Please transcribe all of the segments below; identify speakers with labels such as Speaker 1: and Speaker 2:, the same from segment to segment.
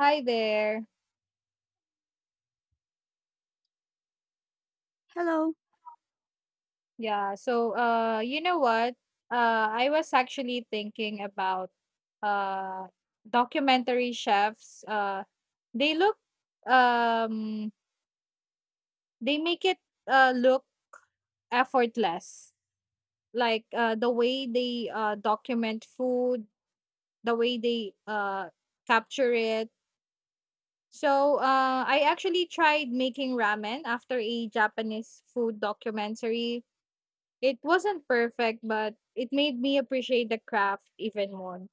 Speaker 1: Hi there.
Speaker 2: Hello.
Speaker 1: Yeah, so you know what? I was actually thinking about uh documentary chefs. They look um they make it look effortless. Like the way they document food, the way they capture it. So I actually tried making ramen after a Japanese food documentary. It wasn't perfect, but it made me appreciate the craft even more.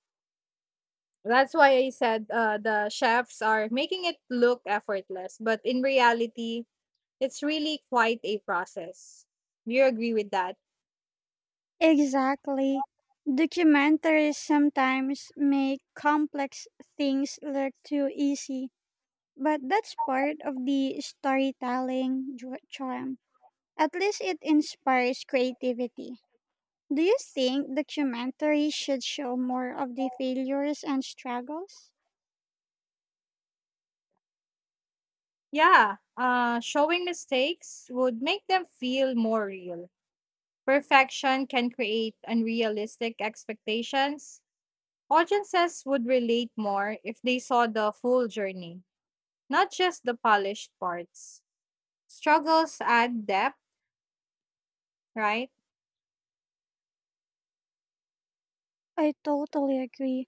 Speaker 1: That's why I said, the chefs are making it look effortless, but in reality, it's really quite a process. Do you agree with that?
Speaker 2: Exactly. Documentaries sometimes make complex things look too easy, but that's part of the storytelling charm. At least it inspires creativity. Do you think documentaries should show more of the failures and struggles?
Speaker 1: Yeah, showing mistakes would make them feel more real. Perfection can create unrealistic expectations. Audiences would relate more if they saw the full journey, not just the polished parts. Struggles add depth, right?
Speaker 2: I totally agree.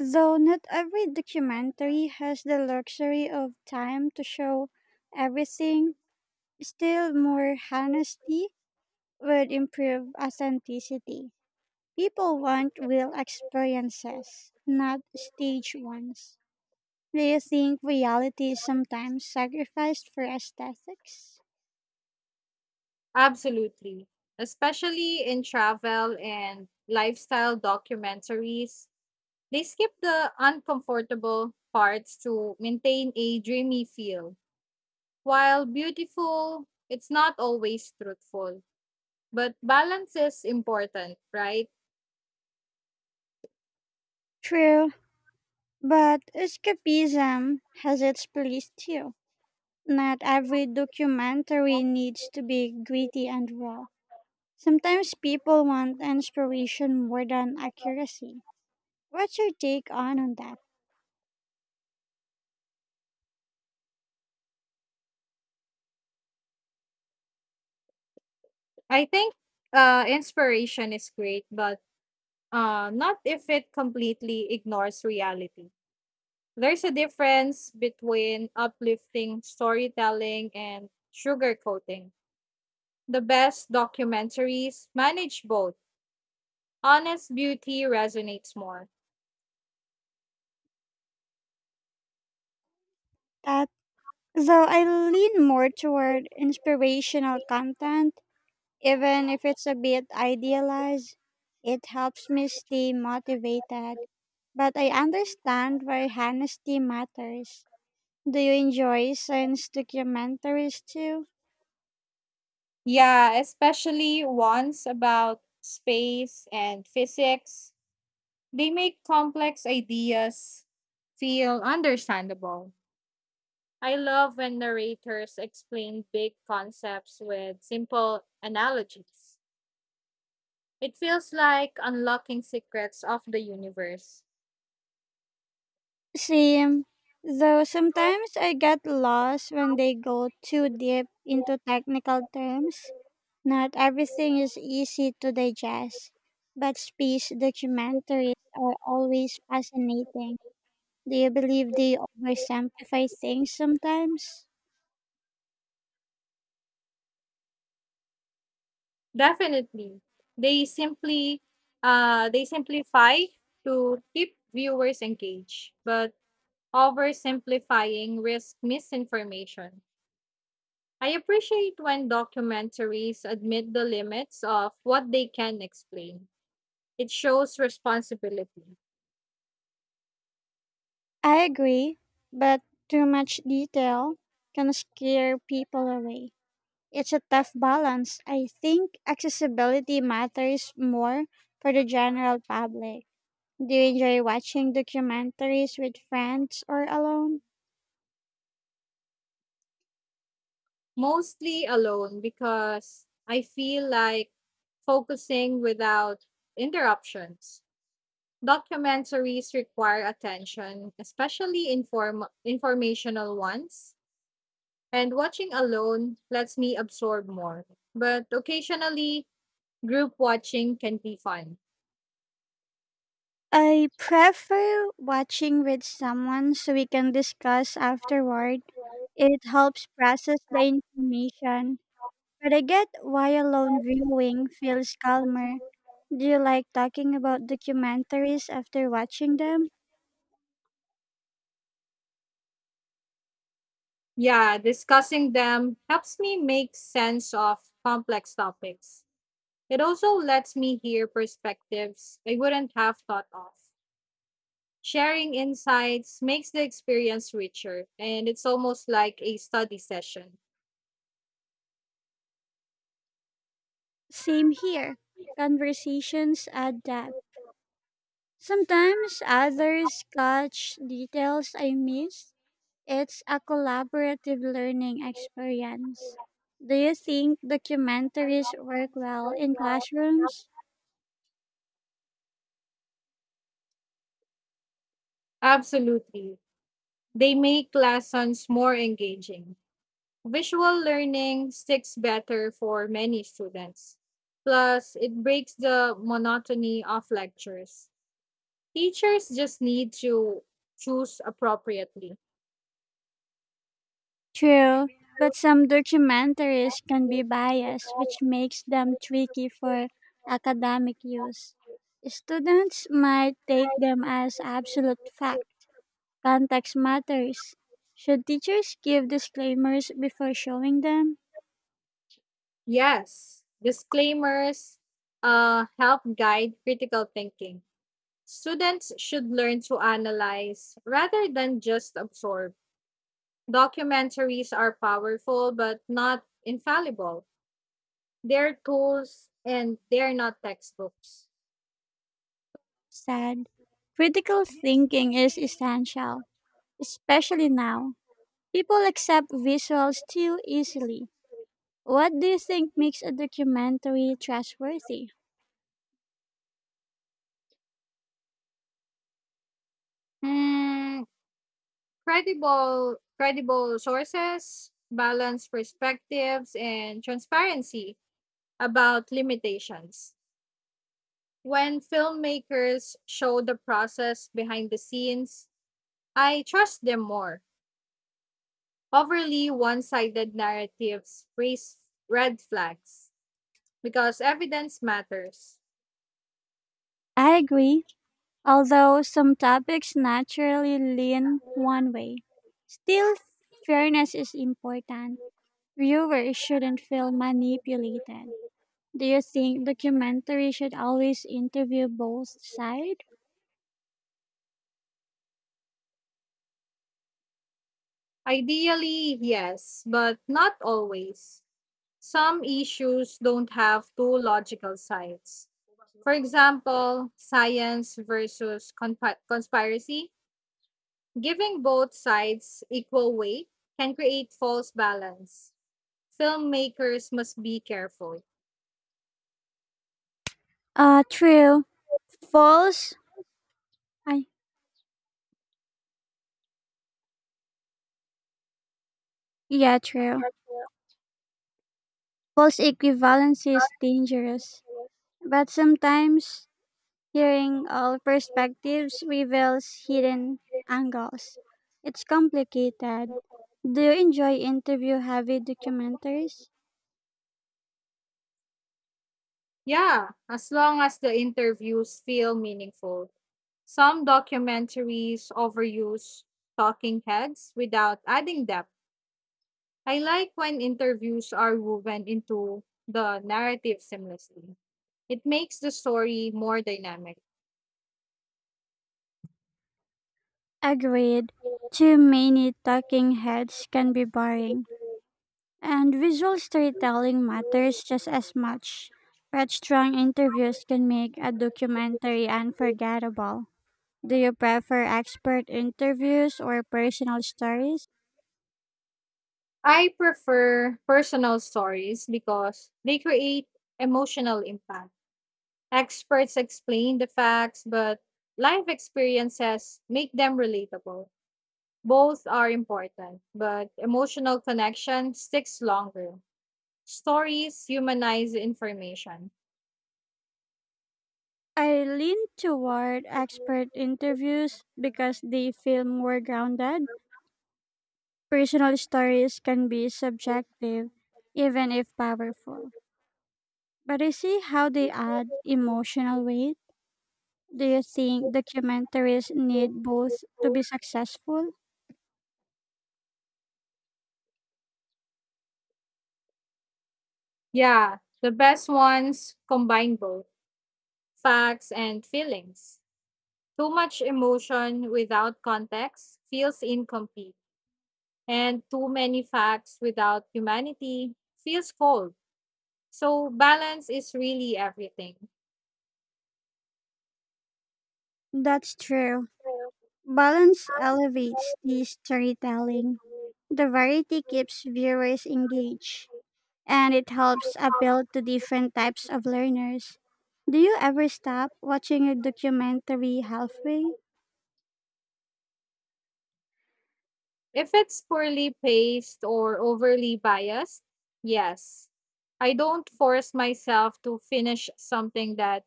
Speaker 2: Though not every documentary has the luxury of time to show everything, still more honesty would improve authenticity. People want real experiences, not staged ones. Do you think reality is sometimes sacrificed for aesthetics?
Speaker 1: Absolutely. Especially in travel and lifestyle documentaries, they skip the uncomfortable parts to maintain a dreamy feel. While beautiful, it's not always truthful, but balance is important, right?
Speaker 2: True, but escapism has its place too. Not every documentary needs to be gritty and raw. Sometimes people want inspiration more than accuracy. What's your take on that?
Speaker 1: I think, inspiration is great, but not if it completely ignores reality. There's a difference between uplifting storytelling and sugarcoating. The best documentaries manage both. Honest beauty resonates more.
Speaker 2: That Though I lean more toward inspirational content, even if it's a bit idealized, it helps me stay motivated. But I understand why honesty matters. Do you enjoy science documentaries too?
Speaker 1: Yeah, especially ones about space and physics. They make complex ideas feel understandable. I love when narrators explain big concepts with simple analogies. It feels like unlocking secrets of the universe.
Speaker 2: Same. Though sometimes I get lost when they go too deep into technical terms. Not everything is easy to digest, but space documentaries are always fascinating. Do you believe they oversimplify things sometimes?
Speaker 1: Definitely. They simply they simplify to keep viewers engaged, but oversimplifying risk misinformation. I appreciate when documentaries admit the limits of what they can explain. It shows responsibility.
Speaker 2: I agree, but too much detail can scare people away. It's a tough balance. I think accessibility matters more for the general public. Do you enjoy watching documentaries with friends or alone?
Speaker 1: Mostly alone because I feel like focusing without interruptions. Documentaries require attention, especially informational ones, and watching alone lets me absorb more. But occasionally, group watching can be fun.
Speaker 2: I prefer watching with someone so we can discuss afterward. It helps process the information. But I get why alone viewing feels calmer. Do you like talking about documentaries after watching them?
Speaker 1: Yeah, discussing them helps me make sense of complex topics. It also lets me hear perspectives I wouldn't have thought of. Sharing insights makes the experience richer, and it's almost like a study session.
Speaker 2: Same here. Conversations add depth. Sometimes others catch details I miss. It's a collaborative learning experience. Do you think documentaries work well in classrooms?
Speaker 1: Absolutely. They make lessons more engaging. Visual learning sticks better for many students. Plus, it breaks the monotony of lectures. Teachers just need to choose appropriately.
Speaker 2: True, but some documentaries can be biased, which makes them tricky for academic use. Students might take them as absolute fact. Context matters. Should teachers give disclaimers before showing them?
Speaker 1: Yes, disclaimers help guide critical thinking. Students should learn to analyze rather than just absorb. Documentaries are powerful but not infallible. They're tools and they're not textbooks.
Speaker 2: Sad. Critical thinking is essential, especially now. People accept visuals too easily. What do you think makes a documentary trustworthy?
Speaker 1: Hmm, credible sources, balanced perspectives and transparency about limitations. When filmmakers show the process behind the scenes, I trust them more. Overly one sided narratives raise red flags because evidence matters.
Speaker 2: I agree, although some topics naturally lean one way. Still, fairness is important. Viewers shouldn't feel manipulated. Do you think documentary should always interview both sides?
Speaker 1: Ideally, yes, but not always. Some issues don't have two logical sides. For example, science versus conspiracy. Giving both sides equal weight can create false balance. Filmmakers must be careful.
Speaker 2: True. False. I, yeah, true. False equivalency is dangerous, but sometimes hearing all perspectives reveals hidden angles. It's complicated. Do you enjoy interview heavy documentaries?
Speaker 1: Yeah, as long as the interviews feel meaningful. Some documentaries overuse talking heads without adding depth. I like when interviews are woven into the narrative seamlessly. It makes the story more dynamic.
Speaker 2: Agreed. Too many talking heads can be boring. And visual storytelling matters just as much. But strong interviews can make a documentary unforgettable. Do you prefer expert interviews or personal stories?
Speaker 1: I prefer personal stories because they create emotional impact. Experts explain the facts, but life experiences make them relatable. Both are important, but emotional connection sticks longer. Stories humanize information.
Speaker 2: I lean toward expert interviews because they feel more grounded. Personal stories can be subjective, even if powerful. But I see how they add emotional weight. Do you think documentaries need both to be successful?
Speaker 1: Yeah, the best ones combine both facts and feelings. Too much emotion without context feels incomplete, and too many facts without humanity feels cold. So, balance is really everything.
Speaker 2: That's true. Balance elevates the storytelling. The variety keeps viewers engaged, and it helps appeal to different types of learners. Do you ever stop watching a documentary halfway?
Speaker 1: If it's poorly paced or overly biased, yes. I don't force myself to finish something that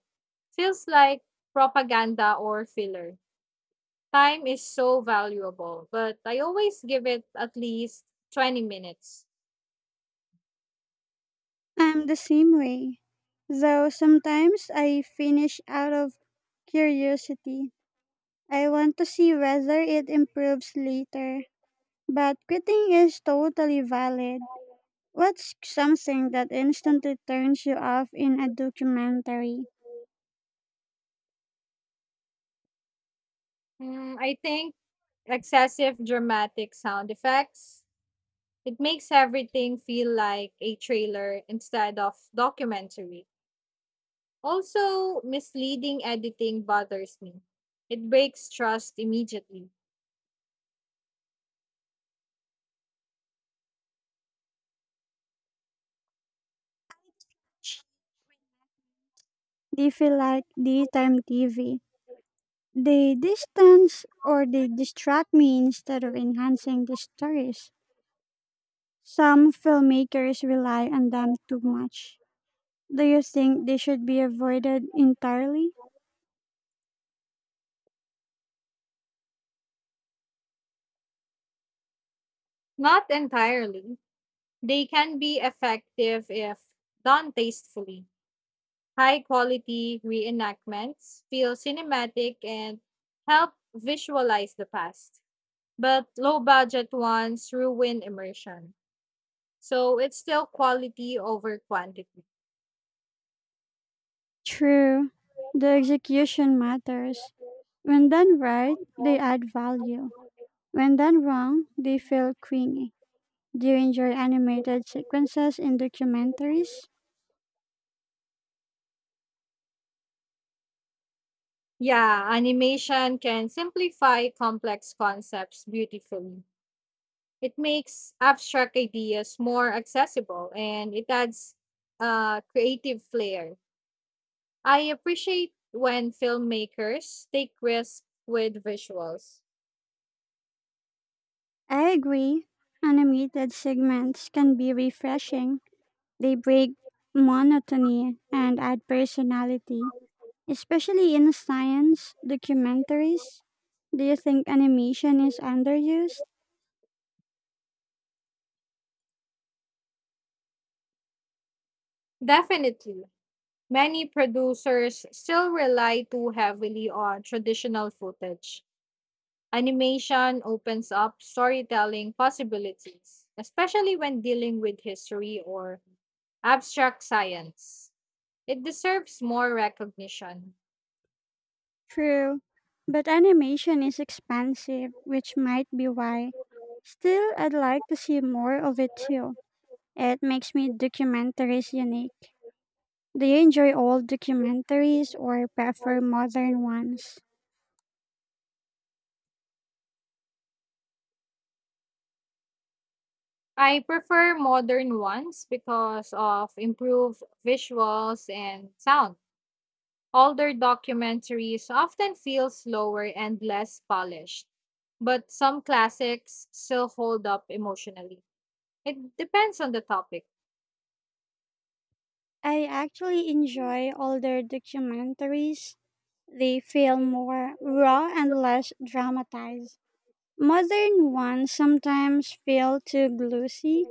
Speaker 1: feels like propaganda or filler. Time is so valuable, but I always give it at least 20 minutes.
Speaker 2: I'm the same way. Though sometimes I finish out of curiosity. I want to see whether it improves later. But quitting is totally valid. What's something that instantly turns you off in a documentary?
Speaker 1: Mm, I think excessive dramatic sound effects, it makes everything feel like a trailer instead of documentary. Also, misleading editing bothers me. It breaks trust immediately.
Speaker 2: Do you feel like daytime TV? They distance or they distract me instead of enhancing the stories. Some filmmakers rely on them too much. Do you think they should be avoided entirely?
Speaker 1: Not entirely. They can be effective if done tastefully. High quality reenactments feel cinematic and help visualize the past, but low budget ones ruin immersion. So it's still quality over quantity.
Speaker 2: True, the execution matters. When done right, they add value. When done wrong, they feel cringy. Do you enjoy animated sequences in documentaries?
Speaker 1: Yeah, animation can simplify complex concepts beautifully. It makes abstract ideas more accessible and it adds creative flair. I appreciate when filmmakers take risks with visuals.
Speaker 2: I agree. Animated segments can be refreshing. They break monotony and add personality, especially in science documentaries. Do you think animation is underused?
Speaker 1: Definitely. Many producers still rely too heavily on traditional footage. Animation opens up storytelling possibilities, especially when dealing with history or abstract science. It deserves more recognition.
Speaker 2: True, but animation is expansive, which might be why. Still, I'd like to see more of it too. It makes me documentaries unique. Do you enjoy old documentaries or prefer modern ones?
Speaker 1: I prefer modern ones because of improved visuals and sound. Older documentaries often feel slower and less polished, but some classics still hold up emotionally. It depends on the topic.
Speaker 2: I actually enjoy older documentaries. They feel more raw and less dramatized. Modern ones sometimes feel too glossy,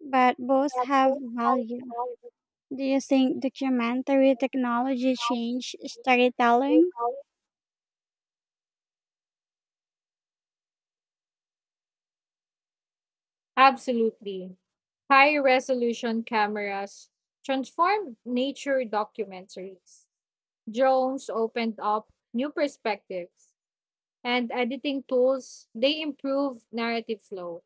Speaker 2: but both have value. Do you think documentary technology changed storytelling?
Speaker 1: Absolutely. High resolution cameras transformed nature documentaries. Drones opened up new perspectives, and editing tools they improve narrative flow.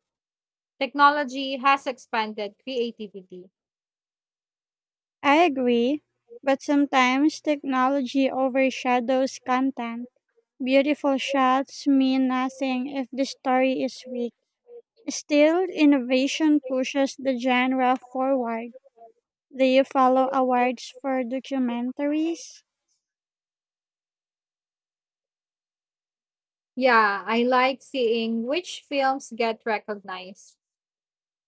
Speaker 1: Technology has expanded creativity.
Speaker 2: I agree, but sometimes technology overshadows content. Beautiful shots mean nothing if the story is weak. Still, innovation pushes the genre forward. Do you follow awards for documentaries?
Speaker 1: Yeah, I like seeing which films get recognized.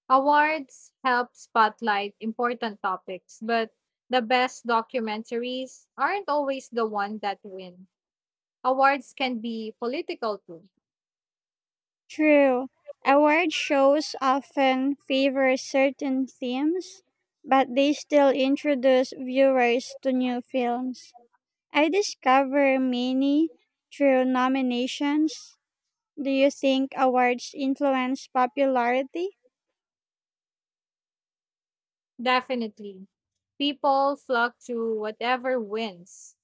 Speaker 1: Awards help spotlight important topics, but the best documentaries aren't always the one that win. Awards can be political too.
Speaker 2: True. Award shows often favor certain themes, but they still introduce viewers to new films. I discover many through nominations. Do you think awards influence popularity?
Speaker 1: Definitely. People flock to whatever wins.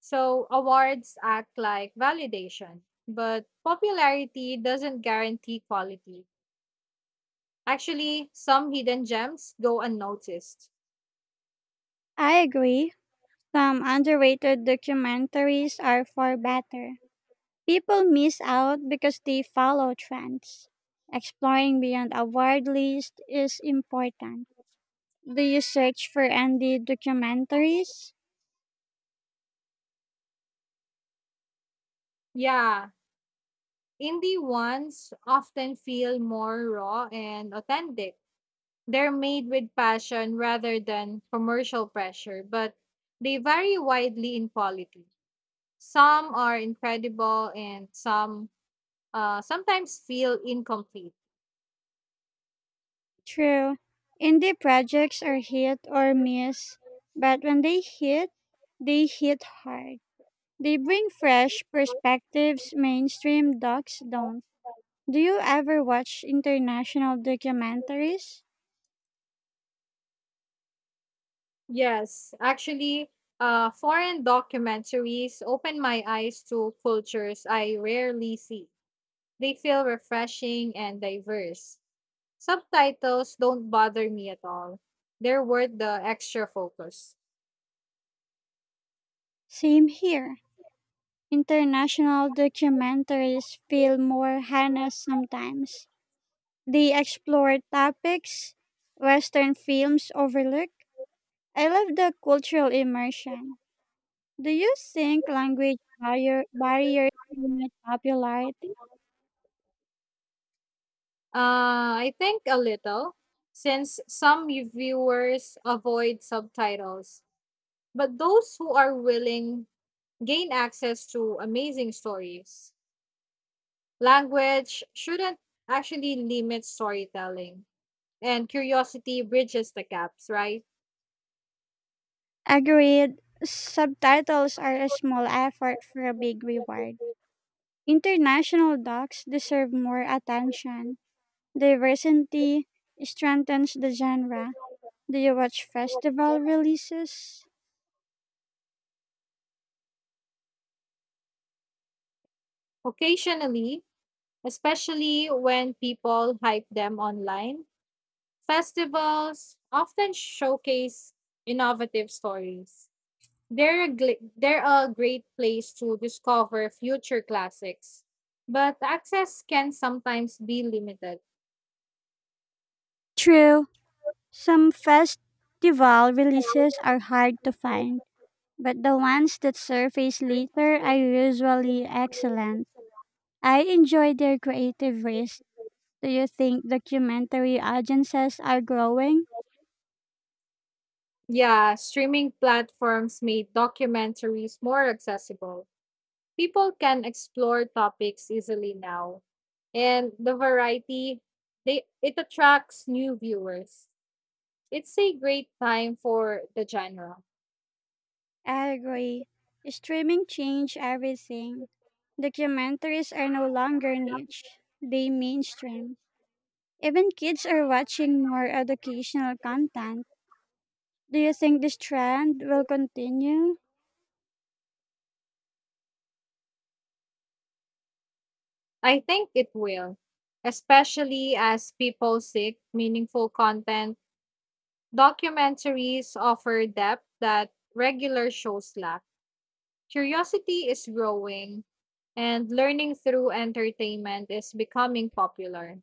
Speaker 1: So awards act like validation, but popularity doesn't guarantee quality. Actually, some hidden gems go unnoticed.
Speaker 2: I agree. Some underrated documentaries are far better. People miss out because they follow trends. Exploring beyond a word list is important. Do you search for indie documentaries?
Speaker 1: Yeah, indie ones often feel more raw and authentic. They're made with passion rather than commercial pressure, but they vary widely in quality. Some are incredible and some sometimes feel incomplete.
Speaker 2: True. Indie projects are hit or miss, but when they hit hard. They bring fresh perspectives mainstream docs don't. Do you ever watch international documentaries?
Speaker 1: Yes, actually, foreign documentaries open my eyes to cultures I rarely see. They feel refreshing and diverse. Subtitles don't bother me at all. They're worth the extra focus.
Speaker 2: Same here. International documentaries feel more honest sometimes. They explore topics Western films overlook. I love the cultural immersion. Do you think language barriers limit popularity?
Speaker 1: I think a little, since some viewers avoid subtitles, but those who are willing gain access to amazing stories. Language shouldn't actually limit storytelling, and curiosity bridges the gaps, right?
Speaker 2: Agreed. Subtitles are a small effort for a big reward. International docs deserve more attention. Diversity strengthens the genre. Do you watch festival releases?
Speaker 1: Occasionally, especially when people hype them online. Festivals often showcase innovative stories. They're a great place to discover future classics, but access can sometimes be limited.
Speaker 2: True, some festival releases are hard to find, but the ones that surface later are usually excellent. I enjoy their creative risk. Do you think documentary audiences are growing?
Speaker 1: Yeah, streaming platforms made documentaries more accessible. People can explore topics easily now, and the variety they it attracts new viewers. It's a great time for the genre.
Speaker 2: I agree. Streaming changed everything. Documentaries are no longer niche, they mainstream. Even kids are watching more educational content. Do you think this trend will continue?
Speaker 1: I think it will, especially as people seek meaningful content. Documentaries offer depth that regular shows lack. Curiosity is growing, and learning through entertainment is becoming popular.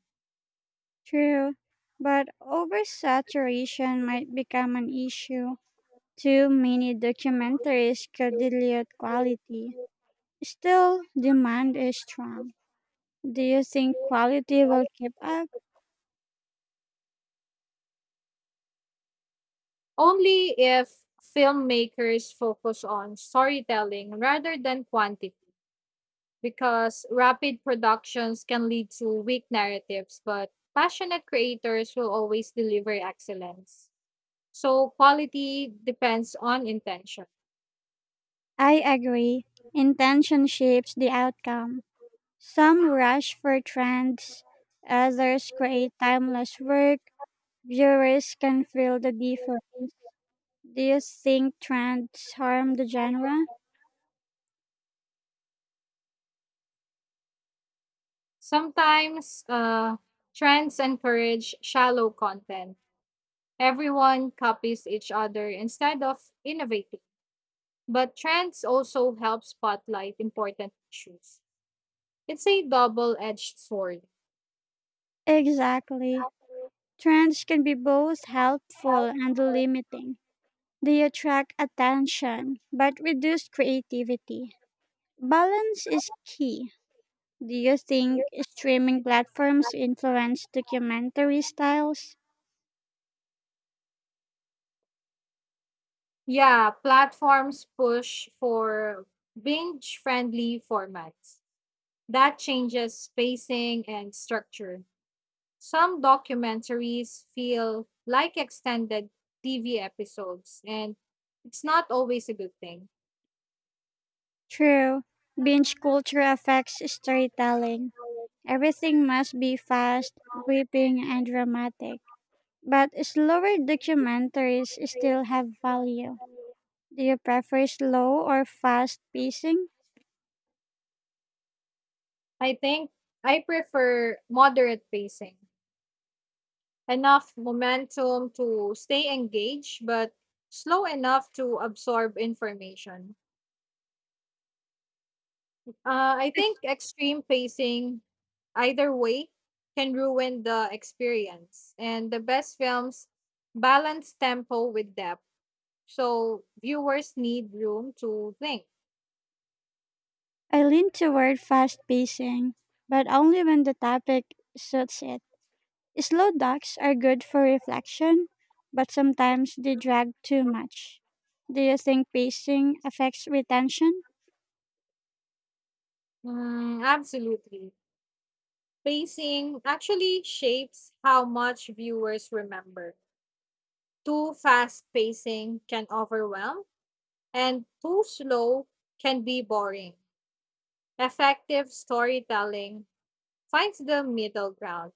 Speaker 2: True, but oversaturation might become an issue. Too many documentaries could dilute quality. Still, demand is strong. Do you think quality will keep up?
Speaker 1: Only if filmmakers focus on storytelling rather than quantity, because rapid productions can lead to weak narratives, but passionate creators will always deliver excellence. So quality depends on intention.
Speaker 2: I agree. Intention shapes the outcome. Some rush for trends, others create timeless work. Viewers can feel the difference. Do you think trends harm the genre?
Speaker 1: Sometimes trends encourage shallow content. Everyone copies each other instead of innovating. But trends also help spotlight important issues. It's a double edged sword.
Speaker 2: Exactly. Trends can be both helpful and limiting. They attract attention but reduce creativity. Balance is key. Do you think streaming platforms influence documentary styles?
Speaker 1: Yeah, platforms push for binge friendly formats. That changes spacing and structure. Some documentaries feel like extended TV episodes, and it's not always a good thing.
Speaker 2: True. Binge culture affects storytelling. Everything must be fast, gripping, and dramatic. But slower documentaries still have value. Do you prefer slow or fast pacing?
Speaker 1: I think I prefer moderate pacing, enough momentum to stay engaged, but slow enough to absorb information. I think extreme pacing, either way, can ruin the experience, and the best films balance tempo with depth. So viewers need room to think.
Speaker 2: I lean toward fast pacing, but only when the topic suits it. Slow docs are good for reflection, but sometimes they drag too much. Do you think pacing affects retention?
Speaker 1: Mm, absolutely. Pacing actually shapes how much viewers remember. Too fast pacing can overwhelm, and too slow can be boring. Effective storytelling finds the middle ground.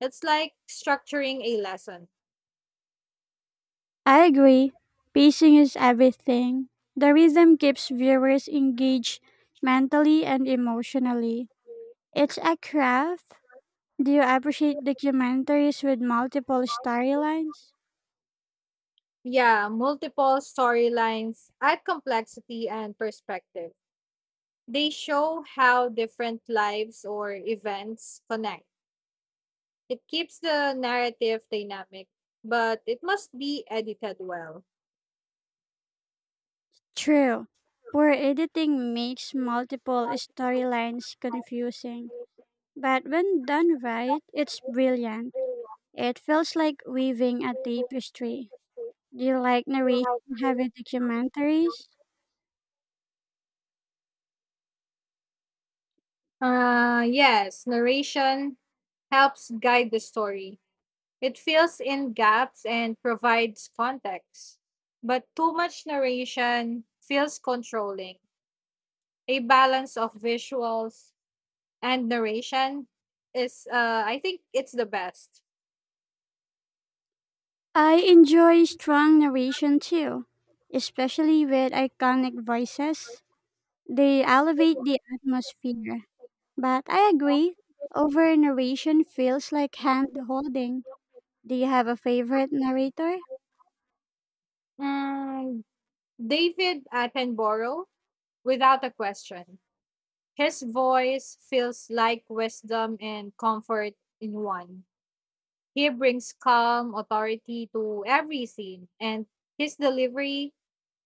Speaker 1: It's like structuring a lesson.
Speaker 2: I agree. Pacing is everything. The rhythm keeps viewers engaged mentally and emotionally. It's a craft. Do you appreciate documentaries with multiple storylines?
Speaker 1: Yeah, multiple storylines add complexity and perspective. They show how different lives or events connect. It keeps the narrative dynamic, but it must be edited well.
Speaker 2: True. Poor editing makes multiple storylines confusing, but when done right, it's brilliant. It feels like weaving a tapestry. Do you like narration heavy documentaries?
Speaker 1: Yes, narration helps guide the story. It fills in gaps and provides context. But too much narration feels controlling. A balance of visuals and narration is, it's the best.
Speaker 2: I enjoy strong narration too, especially with iconic voices. They elevate the atmosphere. But I agree, over narration feels like hand holding. Do you have a favorite narrator?
Speaker 1: Mm, David Attenborough, without a question. His voice feels like wisdom and comfort in one. He brings calm authority to every scene, and his delivery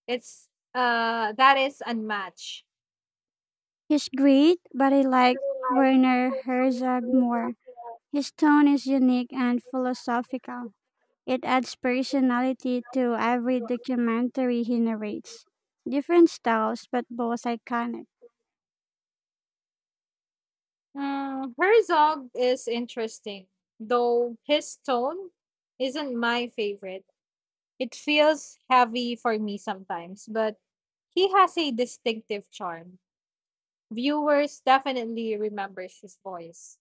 Speaker 1: it's that is unmatched.
Speaker 2: He's great, but I like Werner Herzog more. His tone is unique and philosophical. It adds personality to every documentary he narrates. Different styles, but both iconic.
Speaker 1: Mm, Herzog is interesting, though his tone isn't my favorite. It feels heavy for me sometimes, but he has a distinctive charm. Viewers definitely remembers his voice.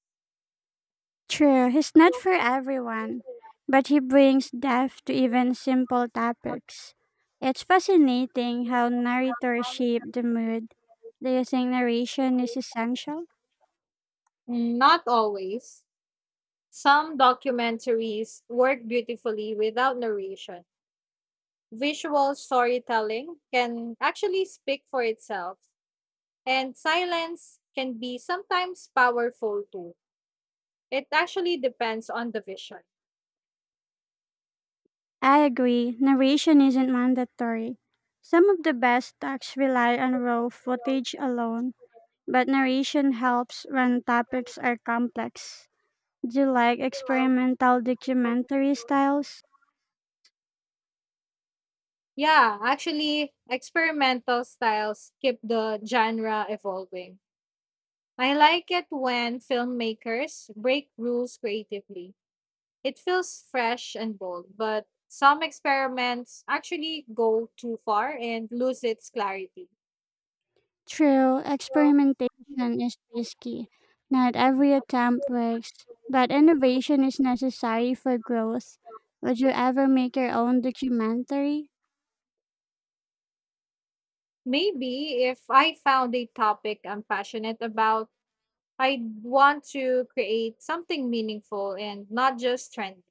Speaker 2: True, he's not for everyone, but he brings depth to even simple topics. It's fascinating how narrators shape the mood. Do you think narration is essential?
Speaker 1: Not always. Some documentaries work beautifully without narration. Visual storytelling can actually speak for itself, and silence can be sometimes powerful too. It actually depends on the vision.
Speaker 2: I agree, narration isn't mandatory. Some of the best talks rely on raw footage alone, but narration helps when topics are complex. Do you like experimental documentary styles?
Speaker 1: Yeah, actually, experimental styles keep the genre evolving. I like it when filmmakers break rules creatively. It feels fresh and bold, but some experiments actually go too far and lose its clarity.
Speaker 2: True, experimentation is risky. Not every attempt works, but innovation is necessary for growth. Would you ever make your own documentary?
Speaker 1: Maybe if I found a topic I'm passionate about, I'd want to create something meaningful and not just trendy.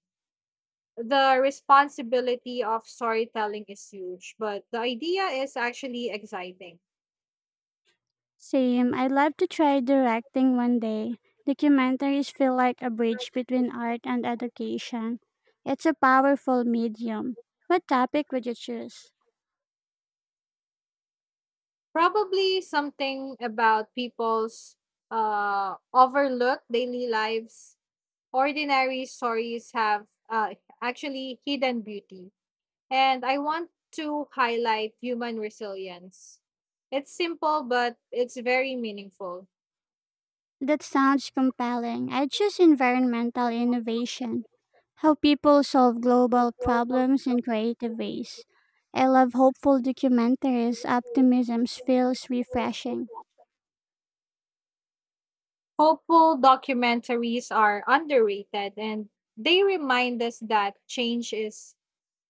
Speaker 1: The responsibility of storytelling is huge, but the idea is actually exciting.
Speaker 2: Same. I'd love to try directing one day. Documentaries feel like a bridge between art and education. It's a powerful medium. What topic would you choose?
Speaker 1: Probably something about people's overlooked daily lives. Ordinary stories have, actually hidden beauty, and I want to highlight human resilience. It's simple, but it's very meaningful.
Speaker 2: That sounds compelling. I'd choose environmental innovation, how people solve global problems in creative ways. I love hopeful documentaries. Optimism feels refreshing.
Speaker 1: Hopeful documentaries are underrated, and they remind us that change is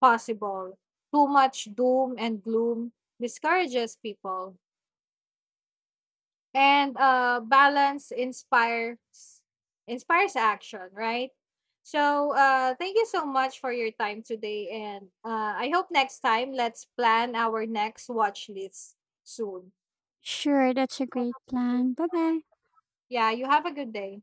Speaker 1: possible. Too much doom and gloom discourages people. And balance inspires action, right? So thank you so much for your time today, and I hope next time let's plan our next watch list soon.
Speaker 2: Sure, that's a great plan. Bye bye.
Speaker 1: Yeah, you have a good day.